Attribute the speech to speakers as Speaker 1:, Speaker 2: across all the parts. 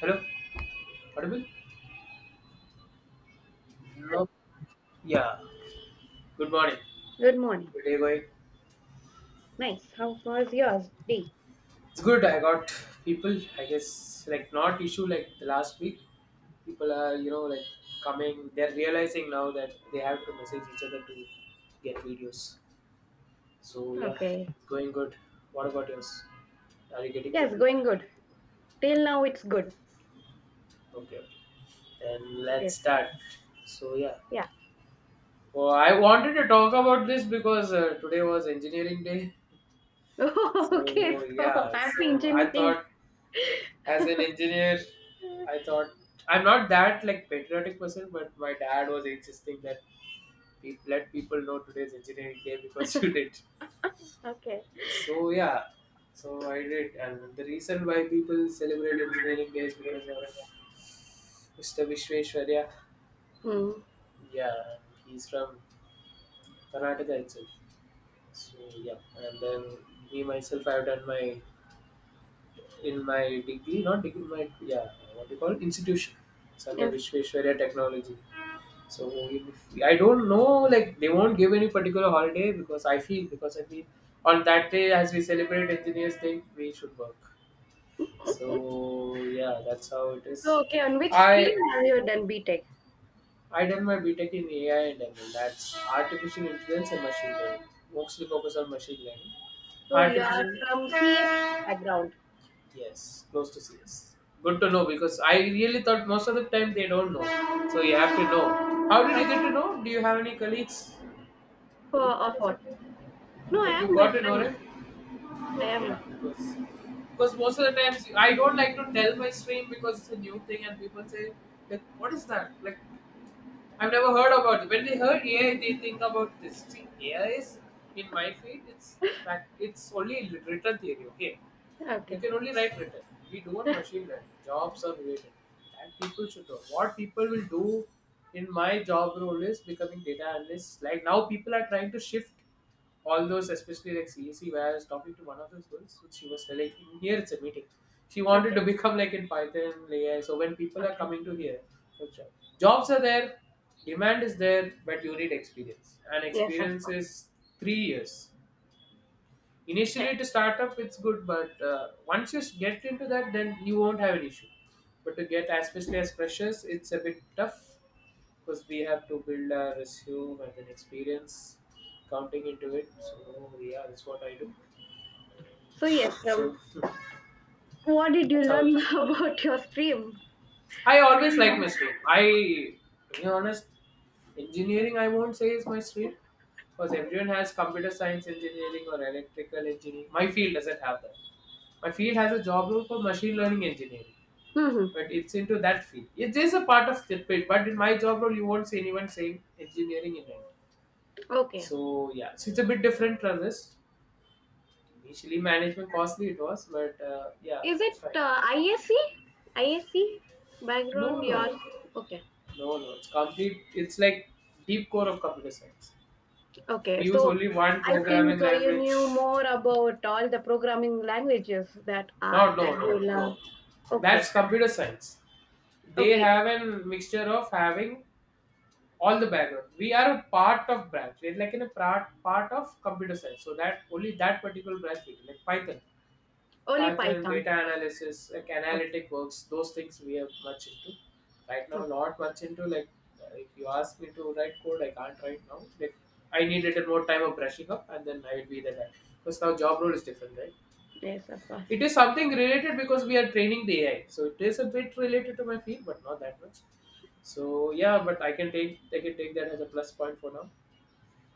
Speaker 1: Hello, audible? No, yeah. Good morning.
Speaker 2: Good morning.
Speaker 1: Good day going.
Speaker 2: Nice, how was yours, D?
Speaker 1: It's good. I got people. I guess like not issue like the last week. People are like coming. They're realizing now that they have to message each other to get videos. So yeah,
Speaker 2: Okay.
Speaker 1: it's going good. What about yours? Are you getting
Speaker 2: Yes,
Speaker 1: people?
Speaker 2: going good. Till now it's good.
Speaker 1: Okay, okay. Then
Speaker 2: So
Speaker 1: let's
Speaker 2: yes.
Speaker 1: start. So yeah.
Speaker 2: Yeah.
Speaker 1: Well, I wanted to talk about this because today was engineering day.
Speaker 2: Okay.
Speaker 1: So
Speaker 2: So
Speaker 1: yeah,
Speaker 2: happy
Speaker 1: so I
Speaker 2: engineering.
Speaker 1: thought as an engineer, I thought I'm not that like patriotic person, but my dad was insisting that let people know today's engineering day because you did.
Speaker 2: Okay.
Speaker 1: So yeah, so I did, and the reason why people celebrate engineering day is because of Mr. Vishveshwarya.
Speaker 2: Hmm.
Speaker 1: Yeah, he's from Karnataka itself. So yeah, and then me myself, I've done my in my degree, not degree, my yeah, what do you call it? Institution. It's under
Speaker 2: Yes.
Speaker 1: Vishveshwarya Technology. So if, I don't know, like they won't give any particular holiday because I feel on that day as we celebrate engineers day, we should work. So yeah, that's how it is.
Speaker 2: So okay, on which stream
Speaker 1: I
Speaker 2: have you done BTEC?
Speaker 1: I done my BTEC in AI and ML. That's artificial intelligence and machine learning. Mostly focus on machine learning.
Speaker 2: So you are
Speaker 1: Artificial
Speaker 2: from CS background.
Speaker 1: Yes, close to CS. Good to know because I really thought most of the time they don't know. So you have to know. How did
Speaker 2: Of,
Speaker 1: you get to know? Do you have any colleagues doing
Speaker 2: of
Speaker 1: that or
Speaker 2: what?
Speaker 1: something?
Speaker 2: No, I
Speaker 1: Like
Speaker 2: have
Speaker 1: you
Speaker 2: my
Speaker 1: got to know
Speaker 2: friends.
Speaker 1: it.
Speaker 2: I
Speaker 1: Okay, yeah.
Speaker 2: am.
Speaker 1: Because most of the times I don't like to tell my stream because it's a new thing and people say like what is that like I've never heard about it. When they heard AI, they think about this. See, AI is in my field. It's back. It's only written theory. Okay, you
Speaker 2: Okay.
Speaker 1: can only write written. We do on machine learning. Jobs are related. And people should know. What people will do in my job role is becoming data analyst. Like now, people are trying to shift all those, especially like CSE, where I was talking to one of those girls, so she was telling here it's a meeting. She wanted
Speaker 2: Okay.
Speaker 1: to become like in Python, AI. So when people are
Speaker 2: Okay.
Speaker 1: coming to here, for jobs are there, demand is there, but you need experience, and
Speaker 2: Yes, of
Speaker 1: experience
Speaker 2: course.
Speaker 1: is 3 years
Speaker 2: Yeah.
Speaker 1: initially to start up it's good but once you get into that then you won't have an issue but to get especially as freshers it's a bit tough because we have to build our resume and an experience counting into it so yeah that's what I do
Speaker 2: So yes.
Speaker 1: so
Speaker 2: What did you
Speaker 1: that's how it
Speaker 2: learn
Speaker 1: is.
Speaker 2: about your stream?
Speaker 1: I always like my stream. I, to be honest, engineering I won't say is my stream because everyone has computer science engineering or electrical engineering. My field doesn't have that. My field has a job role for machine learning engineering,
Speaker 2: Mm-hmm.
Speaker 1: but it's into that field. It is a part of the field, but in my job role, you won't see anyone saying engineering in it.
Speaker 2: Okay.
Speaker 1: So yeah, so it's a bit different from this. Initially, management costly it was, but yeah,
Speaker 2: Is
Speaker 1: it's
Speaker 2: it
Speaker 1: fine.
Speaker 2: ISE? ISE background,
Speaker 1: No, no.
Speaker 2: yours? Okay,
Speaker 1: No, no, it's complete. It's like deep core of computer science.
Speaker 2: okay.
Speaker 1: We use
Speaker 2: So
Speaker 1: only one
Speaker 2: I think
Speaker 1: programming
Speaker 2: you knew
Speaker 1: language.
Speaker 2: more about all the programming languages that are
Speaker 1: No, no, no,
Speaker 2: tabular.
Speaker 1: no.
Speaker 2: Okay,
Speaker 1: That's computer science. They
Speaker 2: okay.
Speaker 1: have a mixture of having all the background. We are a part of branch. We're like in a part of computer science. So that only that particular branch, we do, like Python.
Speaker 2: Only
Speaker 1: Python,
Speaker 2: Python.
Speaker 1: data analysis, like
Speaker 2: Okay,
Speaker 1: analytic works, those things we are much into. Right now,
Speaker 2: okay.
Speaker 1: not much into like if you ask me to write code, I can't right now. Like I need a little more time of brushing up, and then I will be the guy. Because now job role is different, right?
Speaker 2: Yes, of course.
Speaker 1: It is something related because we are training the AI, so it is a bit related to my field, but not that much. So yeah, but I can take that as a plus point for now.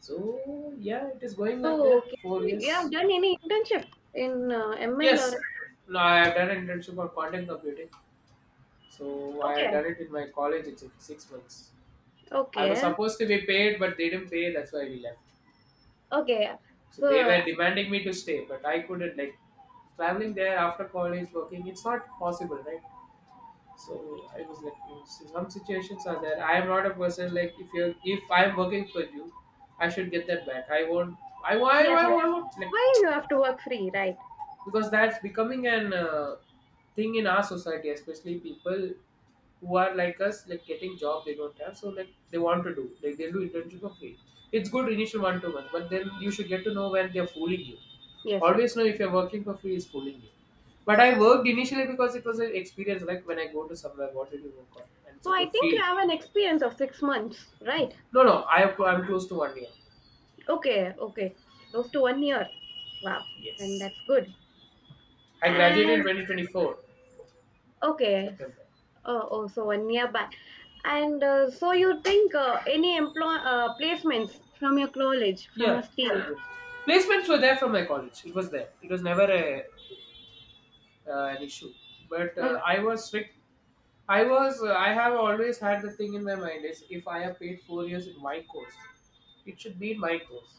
Speaker 1: So yeah, it is going like
Speaker 2: So
Speaker 1: that.
Speaker 2: okay,
Speaker 1: Four
Speaker 2: you have
Speaker 1: years.
Speaker 2: done any internship in ML or
Speaker 1: Yes. No, I have done an internship on quantum computing. So I had
Speaker 2: okay,
Speaker 1: done it in my college. It's 6 months. I was
Speaker 2: okay,
Speaker 1: supposed to be paid, but they didn't pay. That's why we left.
Speaker 2: okay.
Speaker 1: So they
Speaker 2: So
Speaker 1: were demanding me to stay, but I couldn't. Like traveling there after college, working, it's not possible, right? So I was like, no, so some situations are there. I am not a person like if you are if I am working for you, I should get that back. I won't. I why
Speaker 2: yes,
Speaker 1: why why won't like
Speaker 2: why you have to work free, right?
Speaker 1: because that's becoming an thing in our society especially people who are like us like getting job they don't have so like they want to do like they'll do internship for free it's good initial 1-2 months but then you should get to know when they're fooling you
Speaker 2: Yes, of
Speaker 1: always
Speaker 2: course.
Speaker 1: know if you're working for free is fooling you but I worked initially because it was an experience like when I go to somewhere what did you work on and it's
Speaker 2: So
Speaker 1: a
Speaker 2: I
Speaker 1: good
Speaker 2: think you
Speaker 1: field.
Speaker 2: have an experience of 6 months, right?
Speaker 1: No, no I'm close to 1 year.
Speaker 2: Okay, okay. Close to 1 year. Wow. And
Speaker 1: Yes,
Speaker 2: that's good.
Speaker 1: I graduated in
Speaker 2: And
Speaker 1: 2024
Speaker 2: okay.
Speaker 1: September.
Speaker 2: Oh, oh, so 1 year back. And so you think any employ placements from your college, from your
Speaker 1: Yeah.
Speaker 2: stream?
Speaker 1: Placements were there from my college. It was there. It was never a an issue. But
Speaker 2: Oh,
Speaker 1: I was strict. I was. I have always had the thing in my mind is if I have paid 4 years in my course, it should be in my course.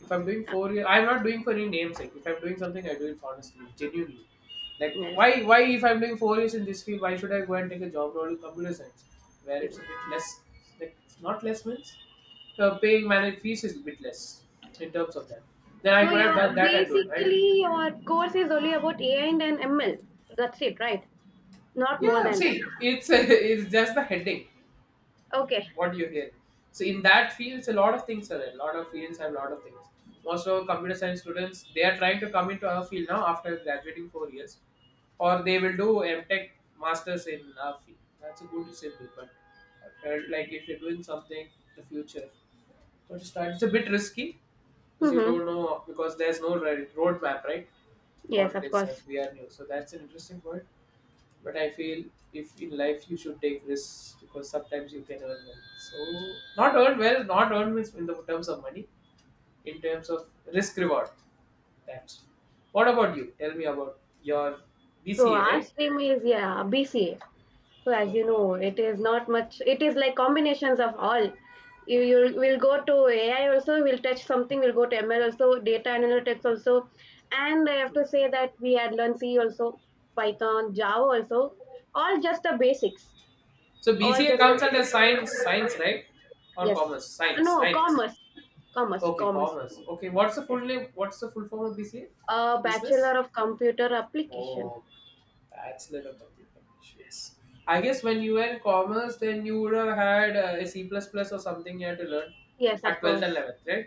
Speaker 1: If I'm doing 4 years, I'm not doing for any namesake. If I'm doing something, I do it honestly, genuinely. Like
Speaker 2: yes.
Speaker 1: why? Why if I'm doing 4 years in this field, why should I go and take a job role in computer science, where it's a bit less. Like it's not less means paying managed fees is a bit less in terms of that. Then I
Speaker 2: So
Speaker 1: could have
Speaker 2: your
Speaker 1: done that and do it right.
Speaker 2: basically your course is only about AI and ML. That's it, right? Not more
Speaker 1: Yeah,
Speaker 2: than that.
Speaker 1: see, it's it's just the heading.
Speaker 2: Okay.
Speaker 1: What you hear. So in that field, it's a lot of things are there. A lot of fields have a lot of things. Most of our computer science students, they are trying to come into our field now after graduating 4 years, or they will do MTech masters in our field. That's a good simple, but I felt like if you're doing something in the future, don't start. It's a bit risky because you
Speaker 2: Mm-hmm.
Speaker 1: don't know because there's no roadmap, right?
Speaker 2: Yes,
Speaker 1: What it
Speaker 2: of
Speaker 1: is as
Speaker 2: course.
Speaker 1: we are new. So that's an interesting point. But I feel if in life you should take risks because sometimes you can earn well. So not earn well, not earn means in the terms of money, in terms of risk reward. That. What about you? Tell me about your
Speaker 2: So
Speaker 1: BCA,
Speaker 2: our
Speaker 1: right?
Speaker 2: stream is yeah BCA. So as you
Speaker 1: Okay.
Speaker 2: know, it is not much. It is like combinations of all. You will go to AI also. We'll touch something. We'll go to ML also. Data analytics also. And I have to say that we had learned C also, Python, Java also. All just the basics.
Speaker 1: So
Speaker 2: All
Speaker 1: BCA
Speaker 2: just the
Speaker 1: comes under science,
Speaker 2: basics.
Speaker 1: science, right? Or
Speaker 2: Yes.
Speaker 1: commerce? Science,
Speaker 2: No,
Speaker 1: science.
Speaker 2: commerce. Commerce.
Speaker 1: Okay,
Speaker 2: Commerce.
Speaker 1: commerce. Okay, what's the full
Speaker 2: Yes.
Speaker 1: name? What's the full form of BCA? Business?
Speaker 2: Bachelor of Computer Application.
Speaker 1: Oh, that's little complicated. Yes. I guess when you were in commerce, then you would have had a C++ plus plus or something you had to learn
Speaker 2: Yes, of
Speaker 1: at 12th and
Speaker 2: course.
Speaker 1: 11th, right?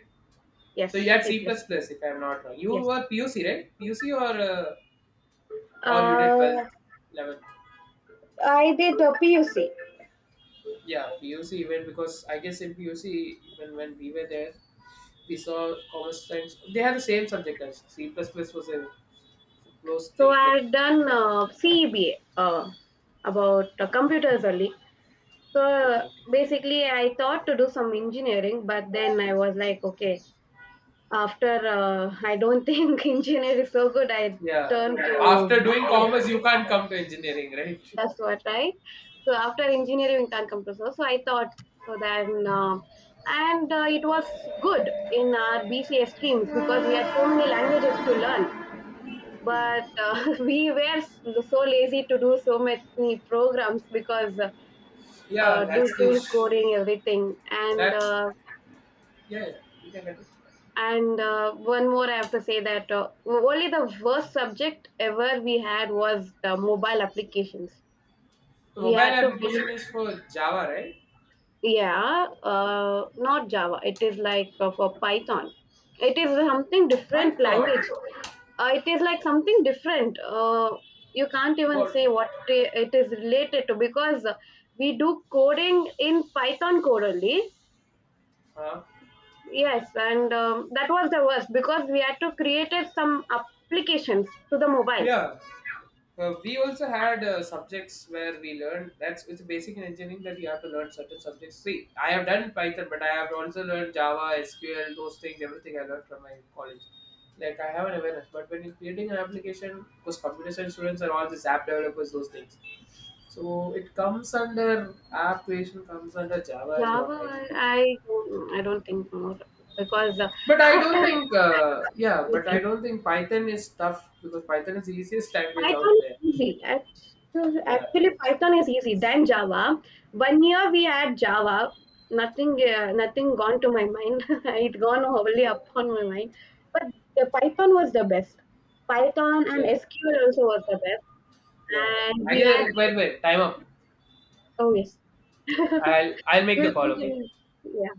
Speaker 1: So you
Speaker 2: Yes.
Speaker 1: had
Speaker 2: C
Speaker 1: C++,
Speaker 2: plus.
Speaker 1: plus plus if I'm not wrong. You
Speaker 2: Yes.
Speaker 1: were PUC, right? PUC or you did
Speaker 2: Uh,
Speaker 1: 12th, 11th?
Speaker 2: I did a PUC.
Speaker 1: Yeah, PUC even because I guess in PUC, even when we were there, we saw commerce science. They had the same subject as C++ plus plus was a close
Speaker 2: So
Speaker 1: thing,
Speaker 2: I
Speaker 1: like
Speaker 2: had done
Speaker 1: important.
Speaker 2: CEBA about computers only. So
Speaker 1: Okay, okay.
Speaker 2: basically, I thought to do some engineering, but then I was like, okay, after I don't think engineering is so good, I
Speaker 1: Yeah.
Speaker 2: turned to
Speaker 1: After doing commerce,
Speaker 2: business.
Speaker 1: you can't come to engineering, right?
Speaker 2: That's what, right? So after engineering, we can't come to so. So I thought so. Then and it was good in our BCS streams because we had so many languages to learn, but so lazy to do so many programs because
Speaker 1: Yeah,
Speaker 2: due
Speaker 1: that's the
Speaker 2: to
Speaker 1: ish.
Speaker 2: coding everything
Speaker 1: That's yeah. Yeah, you can get it.
Speaker 2: and one more I have to say that only the worst subject ever we had was mobile applications
Speaker 1: The
Speaker 2: we
Speaker 1: mobile
Speaker 2: had to build.
Speaker 1: application is for Java, right?
Speaker 2: Yeah, not Java. It is like for Python. It is something different
Speaker 1: Python.
Speaker 2: language. It is like something different. You can't even
Speaker 1: What?
Speaker 2: say it is related to because we do coding in Python code only.
Speaker 1: Huh?
Speaker 2: Yes, and that was the worst because we had to create some applications to the mobile.
Speaker 1: Yeah. We also had subjects where we learned that's it's basic in engineering that you have to learn certain subjects. See, I have done Python, but I have also learned Java, SQL, those things, everything I learned from my college. Like I have an awareness, but when you're creating an application, because computer science students are all the app developers, those things. So it comes under app creation comes under Java is what
Speaker 2: Java,
Speaker 1: I.
Speaker 2: I don't think more because
Speaker 1: But I don't
Speaker 2: after
Speaker 1: think uh, yeah, but
Speaker 2: everything.
Speaker 1: I don't think Python is tough because Python is the easiest language out
Speaker 2: Python
Speaker 1: there.
Speaker 2: is easy.
Speaker 1: Yeah,
Speaker 2: Actually, Python is easy than Java. 1 year we had Java. Nothing gone to my mind. It gone wholly upon my mind. But the Python was the best. Python and
Speaker 1: yeah,
Speaker 2: SQL also was the best.
Speaker 1: yeah.
Speaker 2: And
Speaker 1: I
Speaker 2: we had
Speaker 1: guess wait,
Speaker 2: this.
Speaker 1: wait, time up.
Speaker 2: Oh yes.
Speaker 1: I'll make the
Speaker 2: We'll
Speaker 1: call. Okay.
Speaker 2: continue. Yeah.